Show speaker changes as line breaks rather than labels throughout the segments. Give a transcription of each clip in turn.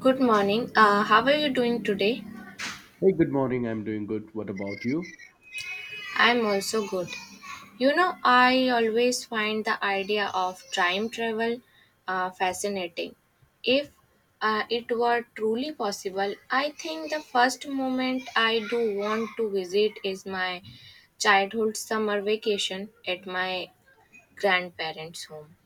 Good morning. How are you doing today?
Hey, good morning. I'm doing good. What about you?
I'm also good. You know, I always find the idea of time travel fascinating. If it were truly possible, I think the first moment I do want to visit is my childhood summer vacation at my grandparents' home.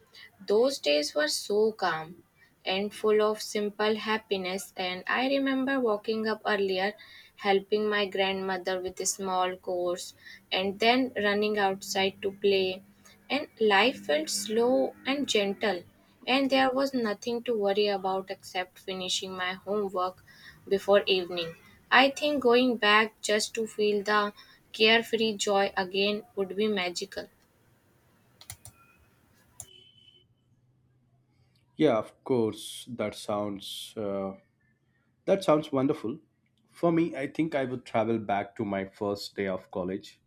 Those days were so calm and full of simple happiness, and I remember waking up earlier, helping my grandmother with a small chores, and then running outside to play. And life felt slow and gentle, and there was nothing to worry about except finishing my homework before evening. I think going back just to feel the carefree joy again would be magical.
Yeah, of course. That sounds wonderful. For me, I think I would travel back to my first day of college.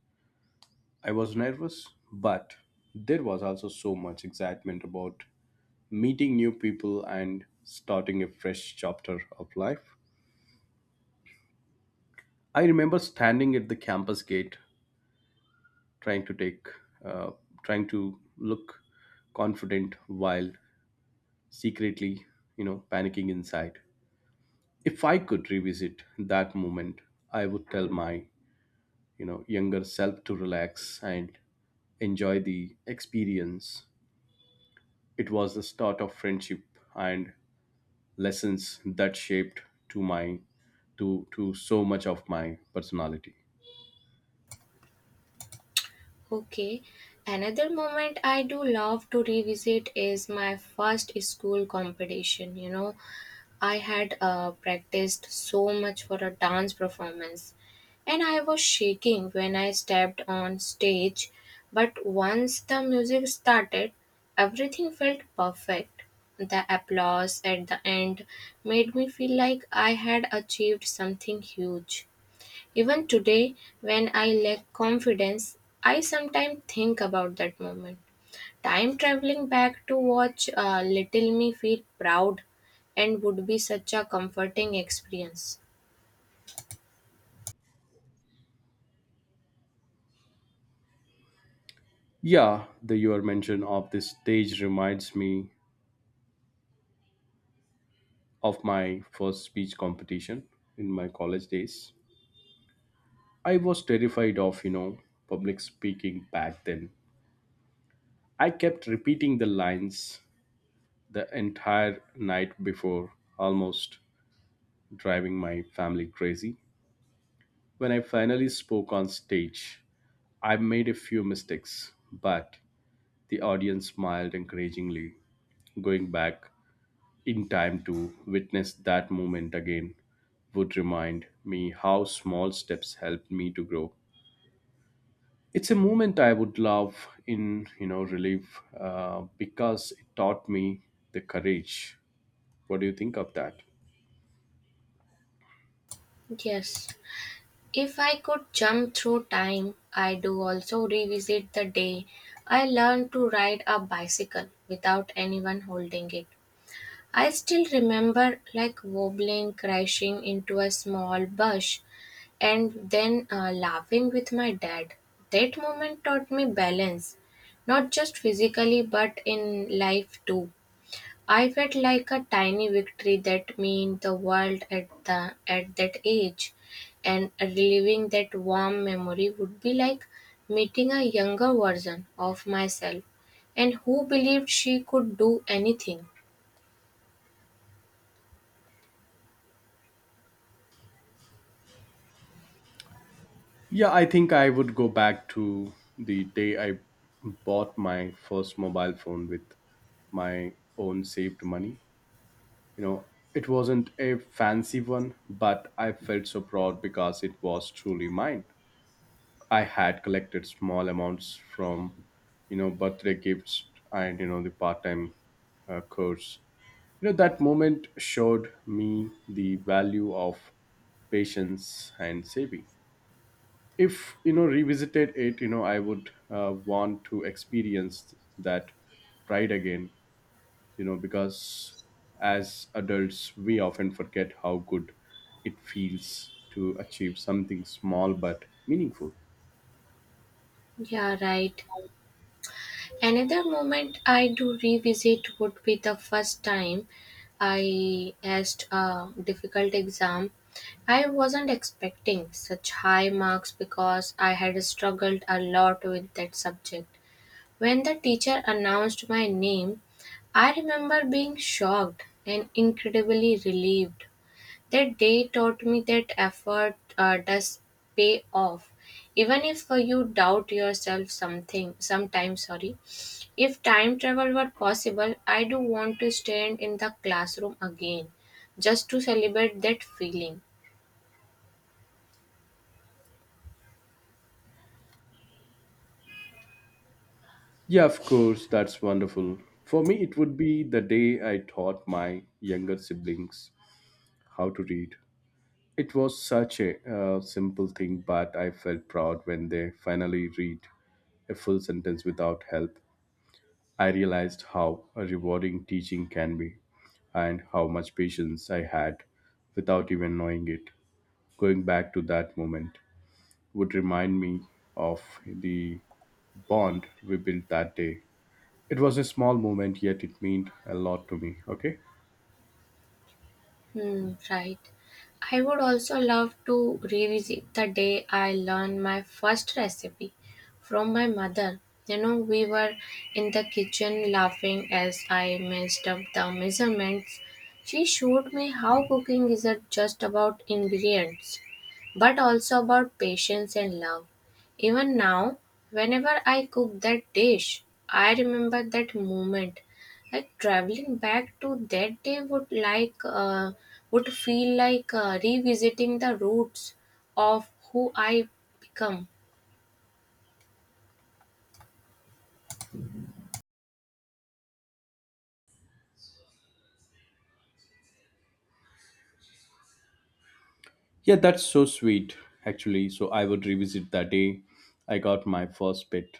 I was nervous, but there was also so much excitement about meeting new people and starting a fresh chapter of life. I remember standing at the campus gate, trying to take, uh, trying to look confident while secretly, panicking inside. If I could revisit that moment, I would tell my younger self to relax and enjoy the experience. It was the start of friendship and lessons that shaped to my to so much of my personality.
Okay, another moment I do love to revisit is my first school competition. You know, I had practiced so much for a dance performance, and I was shaking when I stepped on stage. But once the music started, everything felt perfect. The applause at the end made me feel like I had achieved something huge. Even today, when I lack confidence, I sometimes think about that moment. Time traveling back to watch Little Me feel proud and would be such a comforting experience.
Yeah, the your mention of this stage reminds me of my first speech competition in my college days. I was terrified of, public speaking back then. I kept repeating the lines the entire night before, almost driving my family crazy. When I finally spoke on stage, I made a few mistakes, but the audience smiled encouragingly. Going back in time to witness that moment again would remind me how small steps helped me to grow. It's a moment I would love in, relief because it taught me the courage. What do you think of that?
Yes. If I could jump through time, I do also revisit the day I learned to ride a bicycle without anyone holding it. I still remember like wobbling, crashing into a small bush, and then laughing with my dad. That moment taught me balance, not just physically but in life too. I felt like a tiny victory that meant the world at the at that age, and reliving that warm memory would be like meeting a younger version of myself, and who believed she could do anything.
Yeah, I think I would go back to the day I bought my first mobile phone with my own saved money. You know, it wasn't a fancy one, but I felt so proud because it was truly mine. I had collected small amounts from, birthday gifts and, the part time course. You know, that moment showed me the value of patience and saving. If revisited it, I would want to experience that pride again, because as adults we often forget how good it feels to achieve something small but meaningful.
Yeah, right. Another moment I do revisit would be the first time I asked a difficult exam. I wasn't expecting such high marks because I had struggled a lot with that subject. When the teacher announced my name, I remember being shocked and incredibly relieved. That day taught me that effort does pay off, even if you doubt yourself something sometimes. Sorry. If time travel were possible, I do want to stand in the classroom again just to celebrate that feeling.
Yeah, of course, that's wonderful. For me, it would be the day I taught my younger siblings how to read. It was such a simple thing, but I felt proud when they finally read a full sentence without help. I realized how rewarding teaching can be and how much patience I had without even knowing it. Going back to that moment would remind me of the bond we built that day. It was a small moment, yet it meant a lot to me. Okay.
Hmm, right. I would also love to revisit the day I learned my first recipe from my mother. You know, we were in the kitchen laughing as I messed up the measurements. She showed me how cooking isn't just about ingredients, but also about patience and love. Even now, whenever I cook that dish, I remember that moment like traveling back to that day would would feel like revisiting the roots of who I become.
Yeah, that's so sweet, actually. So I would revisit that day I got my first pet.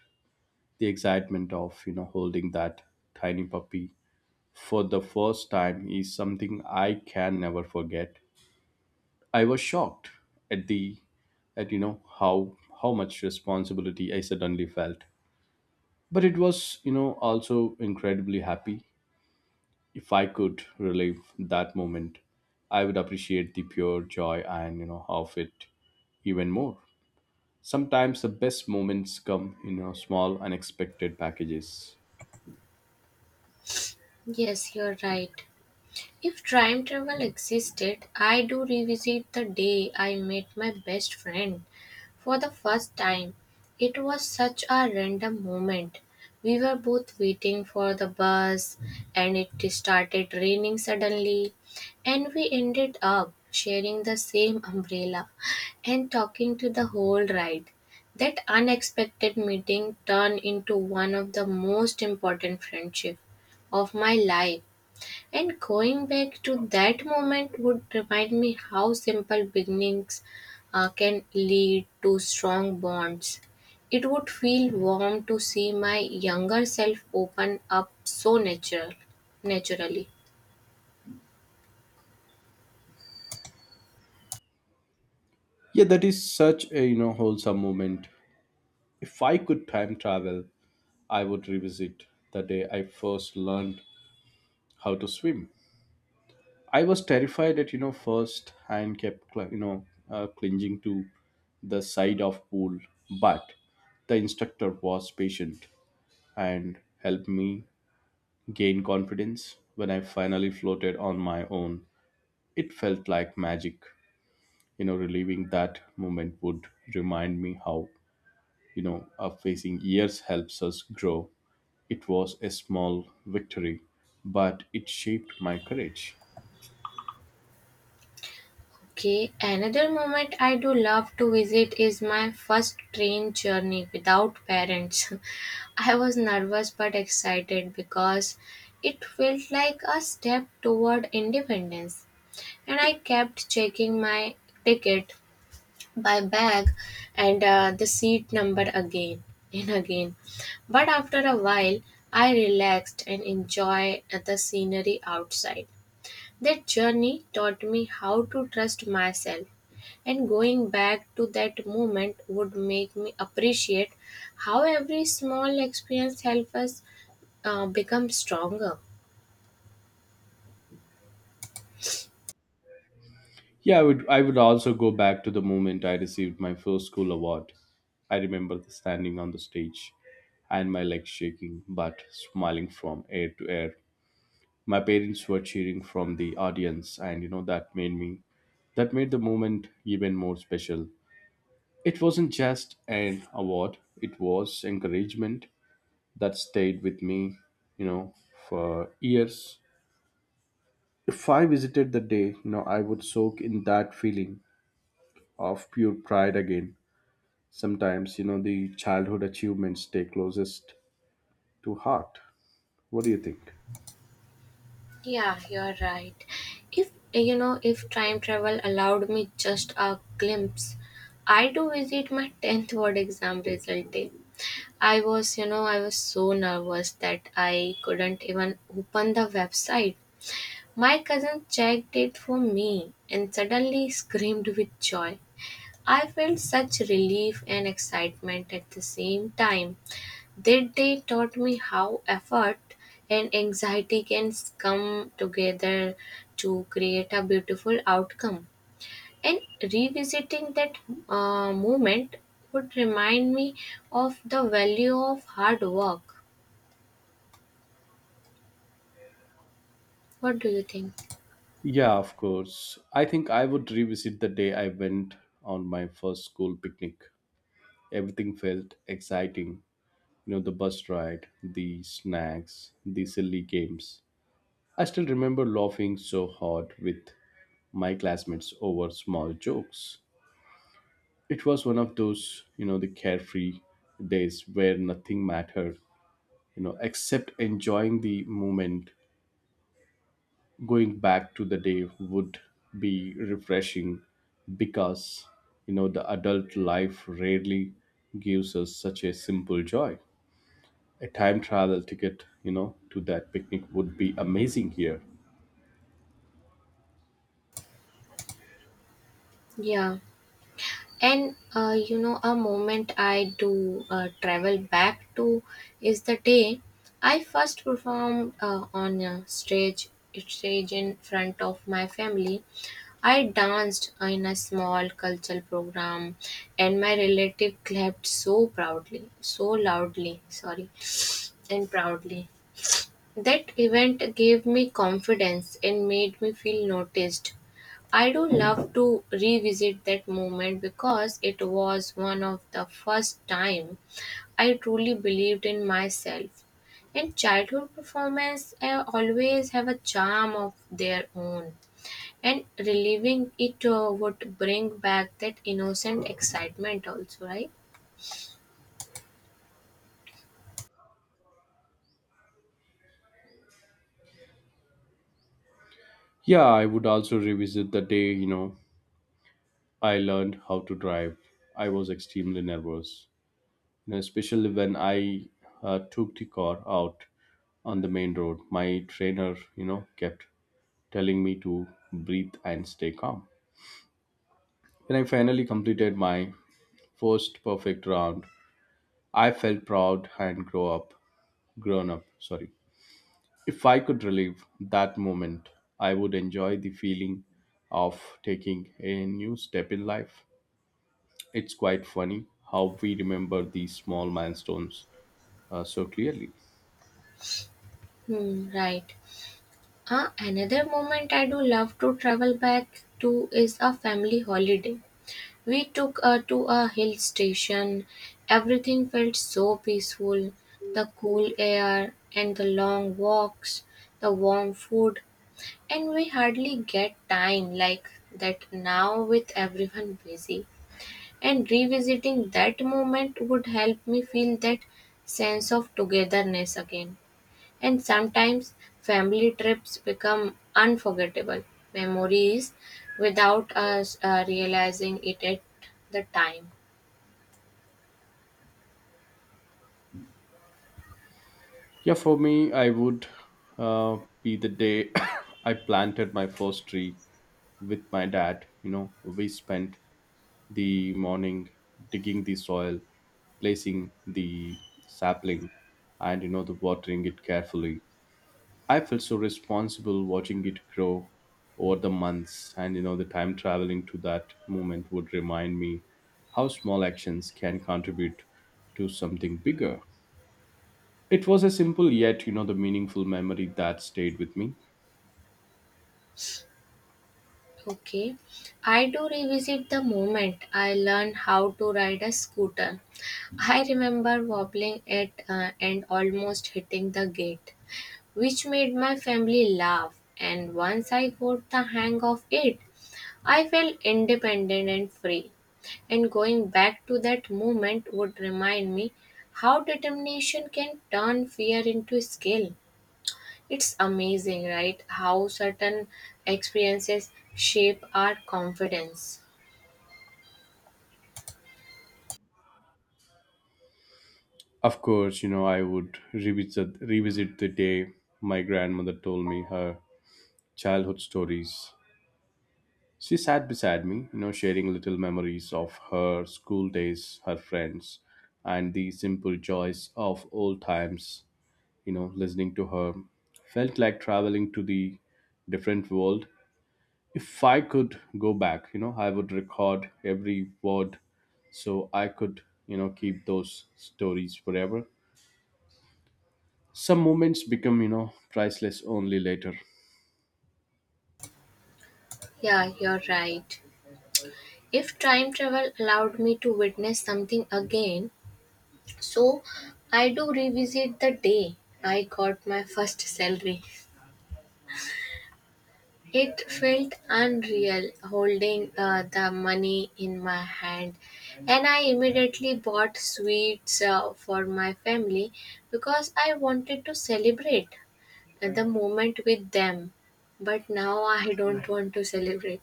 The excitement of, holding that tiny puppy for the first time is something I can never forget. I was shocked at the at how much responsibility I suddenly felt. But it was, also incredibly happy. If I could relive that moment, I would appreciate the pure joy and of it even more. Sometimes the best moments come in, small unexpected packages.
Yes, you're right. If time travel existed, I do revisit the day I met my best friend. For the first time, it was such a random moment. We were both waiting for the bus, and it started raining suddenly, and we ended up sharing the same umbrella and talking to the whole ride. That unexpected meeting turned into one of the most important friendships of my life. And going back to that moment would remind me how simple beginnings can lead to strong bonds. It would feel warm to see my younger self open up so naturally.
Yeah, that is such a wholesome moment. If I could time travel, I would revisit the day I first learned how to swim. I was terrified at, first, and kept clinging to the side of pool, but the instructor was patient and helped me gain confidence. When I finally floated on my own, it felt like magic. You know, relieving that moment would remind me how facing years helps us grow. It was a small victory, but it shaped my courage.
Okay, another moment I do love to visit is my first train journey without parents. I was nervous but excited because it felt like a step toward independence. And I kept checking my ticket, my bag, and the seat number again and again. But after a while, I relaxed and enjoyed the scenery outside. That journey taught me how to trust myself, and going back to that moment would make me appreciate how every small experience helps us become stronger.
Yeah, I would also go back to the moment I received my first school award. I remember standing on the stage and my legs shaking but smiling from ear to ear. My parents were cheering from the audience, and that made me, that made the moment even more special. It wasn't just an award, it was encouragement that stayed with me, you know, for years. If I visited the day, I would soak in that feeling of pure pride again. Sometimes, the childhood achievements stay closest to heart. What do you think?
Yeah, you're right. If you know, if time travel allowed me just a glimpse, I do visit my 10th word exam result day. I was so nervous that I couldn't even open the website. My cousin checked it for me and suddenly screamed with joy. I felt such relief and excitement at the same time. That day taught me how effort and anxiety can come together to create a beautiful outcome. And revisiting that moment would remind me of the value of hard work. What do you think?
Yeah, of course. I think I would revisit the day I went on my first school picnic. Everything felt exciting. You know, the bus ride, the snacks, the silly games. I still remember laughing so hard with my classmates over small jokes. It was one of those, the carefree days where nothing mattered, except enjoying the moment. Going back to the day would be refreshing because, the adult life rarely gives us such a simple joy. A time travel ticket, to that picnic would be amazing here.
Yeah. And you know, a moment I do travel back to is the day I first performed on a stage in front of my family. I danced in a small cultural program and my relative clapped so loudly, sorry, and proudly. That event gave me confidence and made me feel noticed. I do love to revisit that moment because it was one of the first time I truly believed in myself. And childhood performance always have a charm of their own. And reliving it would bring back that innocent excitement also, right?
Yeah, I would also revisit the day, I learned how to drive. I was extremely nervous, especially when I took the car out on the main road. My trainer, kept telling me to breathe and stay calm. When I finally completed my first perfect round, I felt proud and grown up, sorry. If I could relive that moment, I would enjoy the feeling of taking a new step in life. It's quite funny how we remember these small milestones so clearly.
Hmm, right. Another moment I do love to travel back to is a family holiday. We took to a hill station. Everything felt so peaceful. The cool air and the long walks, the warm food, and we hardly get time like that now with everyone busy. And revisiting that moment would help me feel that sense of togetherness again. And sometimes family trips become unforgettable memories without us realizing it at the time.
Yeah, for me, I would be the day I planted my first tree with my dad. You know, we spent the morning digging the soil, placing the sapling, and the watering it carefully. I felt so responsible watching it grow over the months, and the time traveling to that moment would remind me how small actions can contribute to something bigger. It was a simple yet, the meaningful memory that stayed with me.
Okay, I do revisit the moment I learned how to ride a scooter. I remember wobbling it and almost hitting the gate, which made my family laugh. And once I got the hang of it, I felt independent and free. And going back to that moment would remind me how determination can turn fear into skill. It's amazing, right? How certain experiences shape our confidence.
Of course, I would revisit the day my grandmother told me her childhood stories. She sat beside me, sharing little memories of her school days, her friends, and the simple joys of old times. You know, listening to her felt like traveling to the different world. If I could go back, I would record every word so I could, keep those stories forever. Some moments become, priceless only later.
Yeah, you're right. If time travel allowed me to witness something again, So I do revisit the day I got my first salary. It felt unreal holding the money in my hand, and I immediately bought sweets for my family because I wanted to celebrate the moment with them. But now I don't want to celebrate.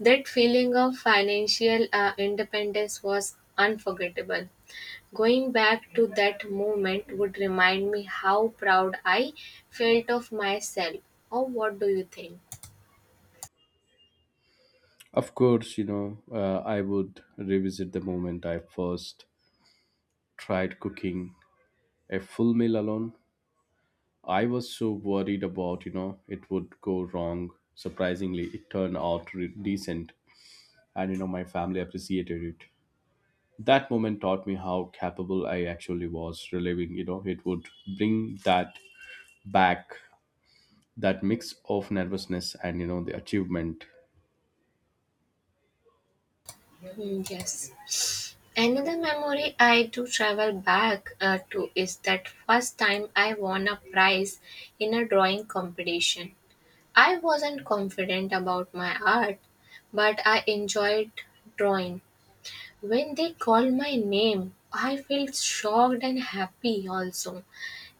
That feeling of financial independence was unforgettable. Going back to that moment would remind me how proud I felt of myself. Or what do you think?
Of course, I would revisit the moment I first tried cooking a full meal alone. I was so worried about, it would go wrong. Surprisingly, it turned out decent, and my family appreciated it. That moment taught me how capable I actually was. Reliving, it would bring that back, that mix of nervousness and, the achievement.
Hmm, yes. Another memory I do travel back to is that first time I won a prize in a drawing competition. I wasn't confident about my art, but I enjoyed drawing. When they called my name, I felt shocked and happy also.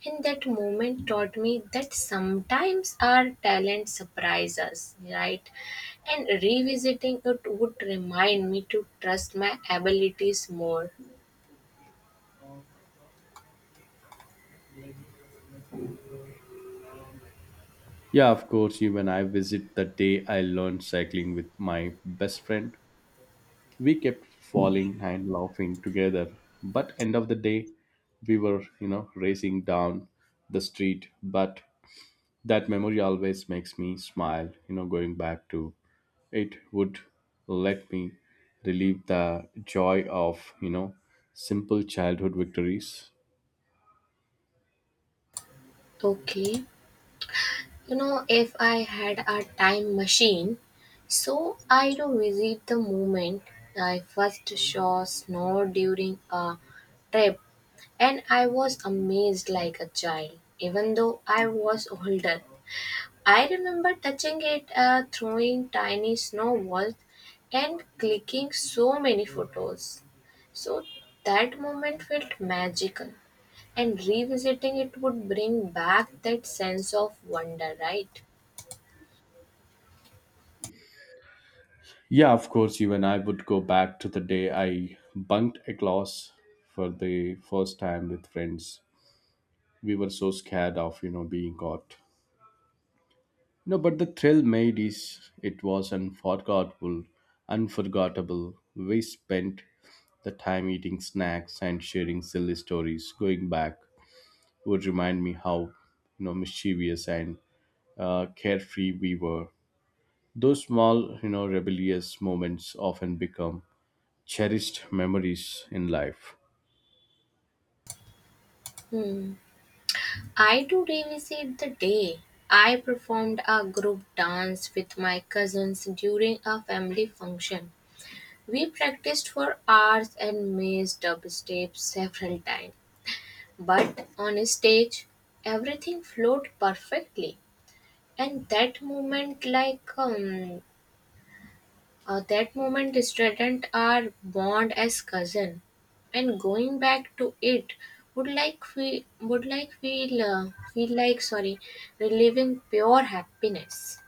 And that moment taught me that sometimes our talent surprises us, right? And revisiting it would remind me to trust my abilities more.
Yeah, of course, even I visit the day I learned cycling with my best friend. We kept falling and laughing together, but end of the day we were, racing down the street. But that memory always makes me smile. You know, going back to it would let me relieve the joy of, simple childhood victories.
Okay, you know, if I had a time machine, I do visit the moment I first saw snow during a trip. And I was amazed like a child, even though I was older. I remember touching it, throwing tiny snowballs, and clicking so many photos. So that moment felt magical, and revisiting it would bring back that sense of wonder, right?
Yeah, of course, even I would go back to the day I bunked a class for the first time with friends. We were so scared of, being caught. No, but the thrill made is it was unforgettable. We spent the time eating snacks and sharing silly stories. Going back would remind me how, mischievous and carefree we were. Those small, rebellious moments often become cherished memories in life.
Hmm. I do revisit the day. I performed a group dance with my cousins during a family function. We practiced for hours and missed dubstep several times, but on a stage, everything flowed perfectly. And that moment, that moment, strengthened our bond as cousin. And going back to it would feel like reliving pure happiness.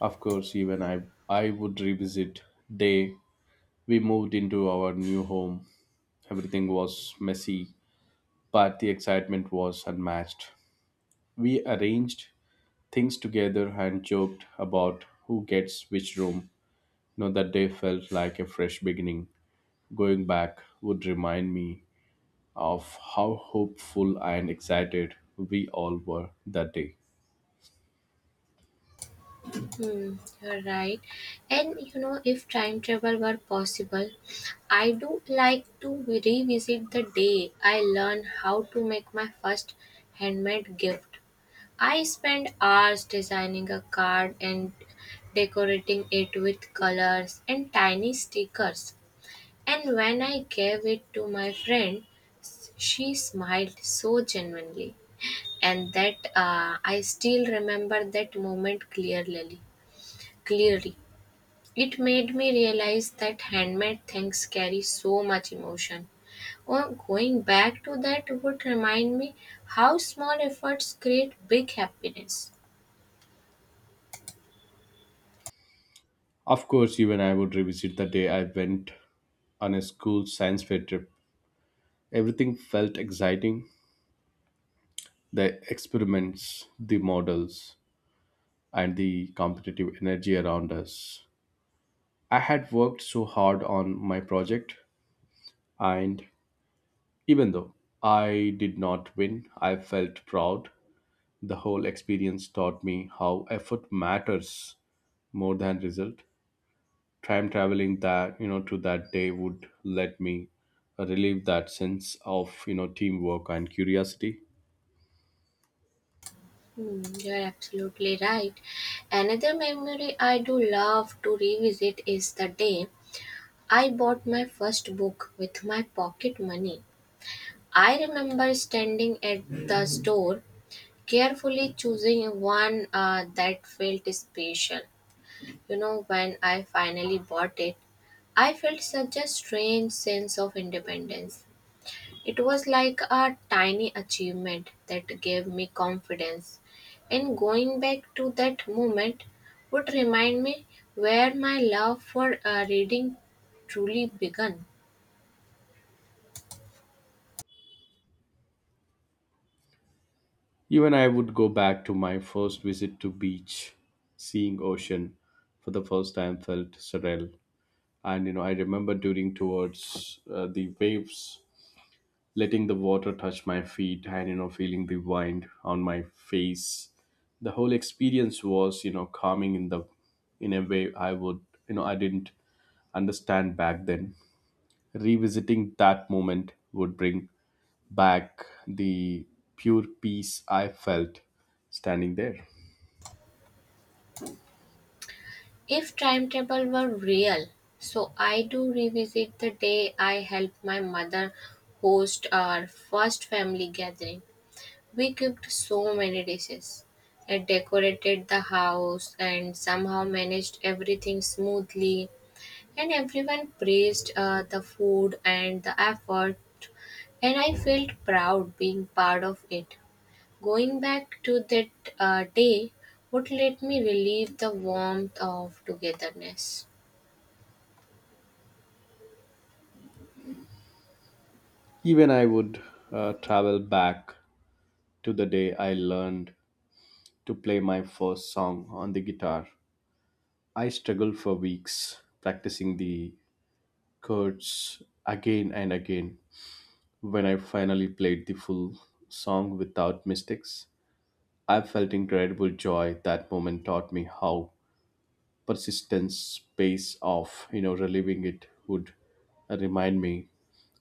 Of course, even I would revisit day we moved into our new home. Everything was messy, but the excitement was unmatched. We arranged things together and joked about who gets which room. You know, that day felt like a fresh beginning. Going back would remind me of how hopeful and excited we all were that day.
Hmm, you're right. And you know, if time travel were possible, I do like to revisit the day I learned how to make my first handmade gift. I spent hours designing a card and decorating it with colors and tiny stickers. And when I gave it to my friend, she smiled so genuinely. And that I still remember that moment clearly. It made me realize that handmade things carry so much emotion. Or going back to that would remind me how small efforts create big happiness.
Of course, even I would revisit the day I went on a school science fair trip. Everything felt exciting: the experiments, the models, and the competitive energy around us. I had worked so hard on my project, and even though I did not win, I felt proud. The whole experience taught me how effort matters more than result. Time traveling that, to that day, would let me relieve that sense of, teamwork and curiosity.
Hmm, you're absolutely right. Another memory I do love to revisit is the day I bought my first book with my pocket money. I remember standing at the store, carefully choosing one that felt special. You know, when I finally bought it, I felt such a strange sense of independence. It was like a tiny achievement that gave me confidence. And going back to that moment would remind me where my love for reading truly began.
Even I would go back to my first visit to beach. Seeing ocean for the first time felt surreal, and I remember during towards the waves, letting the water touch my feet, and feeling the wind on my face. The whole experience was, calming, in the, in a way I would, I didn't understand back then. Revisiting that moment would bring back the pure peace I felt standing there.
If timetable were real, I do revisit the day I helped my mother host our first family gathering. We cooked so many dishes. I decorated the house and somehow managed everything smoothly. And everyone praised the food and the effort. And I felt proud being part of it. Going back to that day would let me relieve the warmth of togetherness.
Even I would travel back to the day I learned to play my first song on the guitar. I struggled for weeks practicing the chords again and again. When I finally played the full song without mistakes, I felt incredible joy. That moment taught me how persistence pays off. You know, reliving it would remind me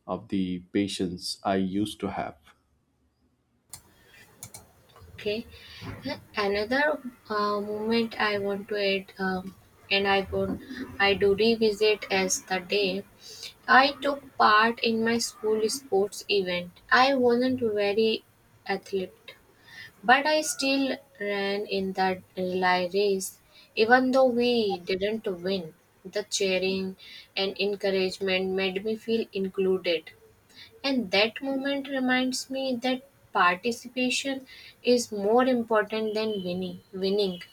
of the patience I used to have.
Okay. Another moment I want to add. Um, and I want I do revisit as the day I took part in my school sports event. I wasn't very athlete, but I still ran in that relay race. Even though we didn't win, the cheering and encouragement made me feel included. And that moment reminds me that participation is more important than winning.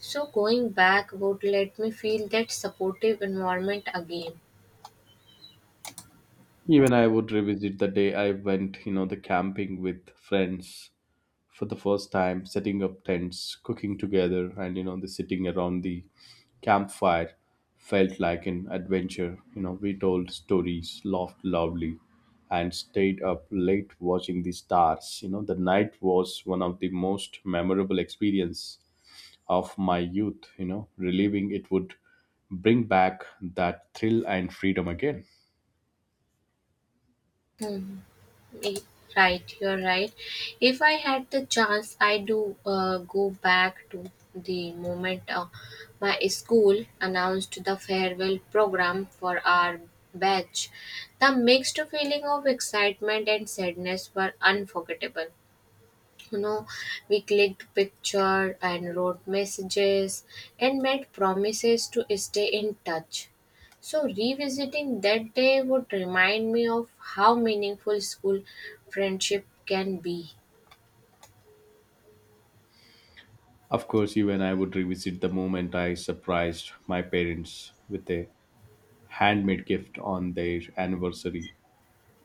So going back would let me feel that supportive environment again.
Even I would revisit the day I went, the camping with friends for the first time. Setting up tents, cooking together, and the sitting around the campfire felt like an adventure. You know, we told stories, laughed loudly, and stayed up late watching the stars. You know, the night was one of the most memorable experience of my youth. You know, reliving it would bring back that thrill and freedom again.
Hmm. Y- Right, you're right. If I had the chance, I do go back to the moment my school announced the farewell program for our batch. The mixed feeling of excitement and sadness were unforgettable. You know, we clicked picture and wrote messages and made promises to stay in touch. So revisiting that day would remind me of how meaningful school friendship can be.
Of course, even I would revisit the moment I surprised my parents with a handmade gift on their anniversary.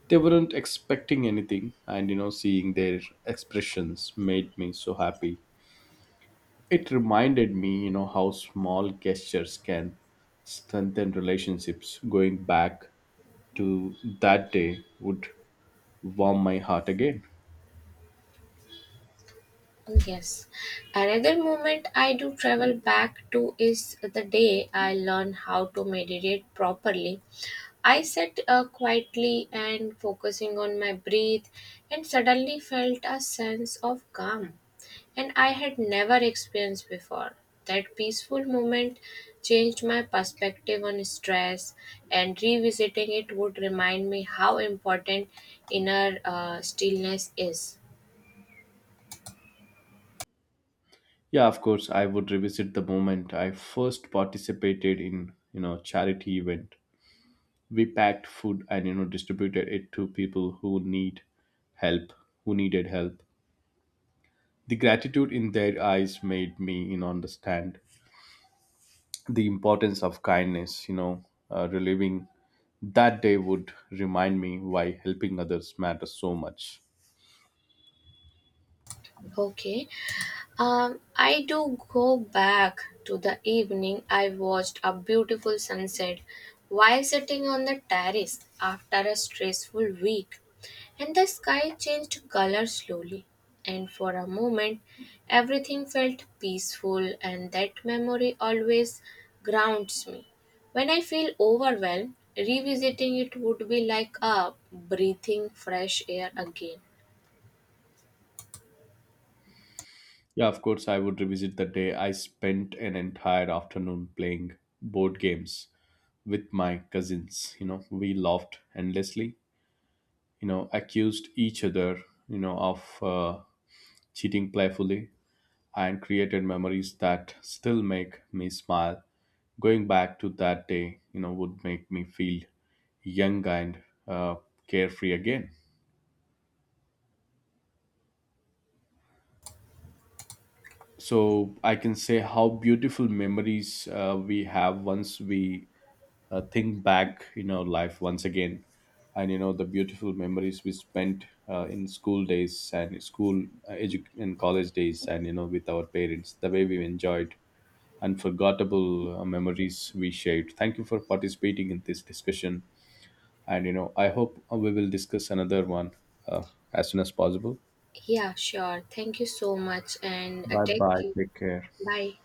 They weren't expecting anything, and seeing their expressions made me so happy. It reminded me, how small gestures can strengthen relationships. Going back to that day would warm my heart again.
Yes, another moment I do travel back to is the day I learned how to meditate properly. I sat quietly and focusing on my breath and suddenly felt a sense of calm. And I had never experienced before. That peaceful moment changed my perspective on stress, and revisiting it would remind me how important inner stillness is.
Yeah, of course, I would revisit the moment I first participated in, charity event. We packed food and distributed it to people who help, who needed help. The gratitude in their eyes made me, understand the importance of kindness. You know, reliving that day would remind me why helping others matters so much.
Okay. I do go back to the evening I watched a beautiful sunset while sitting on the terrace after a stressful week, and the sky changed color slowly. And for a moment, everything felt peaceful, and that memory always grounds me. When I feel overwhelmed, revisiting it would be like a breathing fresh air again.
Yeah, of course, I would revisit the day I spent an entire afternoon playing board games with my cousins. You know, we laughed endlessly. You know, accused each other, of cheating playfully, and created memories that still make me smile. Going back to that day, would make me feel young and uh, carefree again. So I can say how beautiful memories we have once we think back in our life once again. And the beautiful memories we spent in school days and school and college days, and, with our parents, the way we enjoyed unforgettable memories we shared. Thank you for participating in this discussion. And, I hope we will discuss another one uh, as soon as possible.
Yeah, sure. Thank you so much, and
Bye
take
bye.
care.
Take care.
Bye.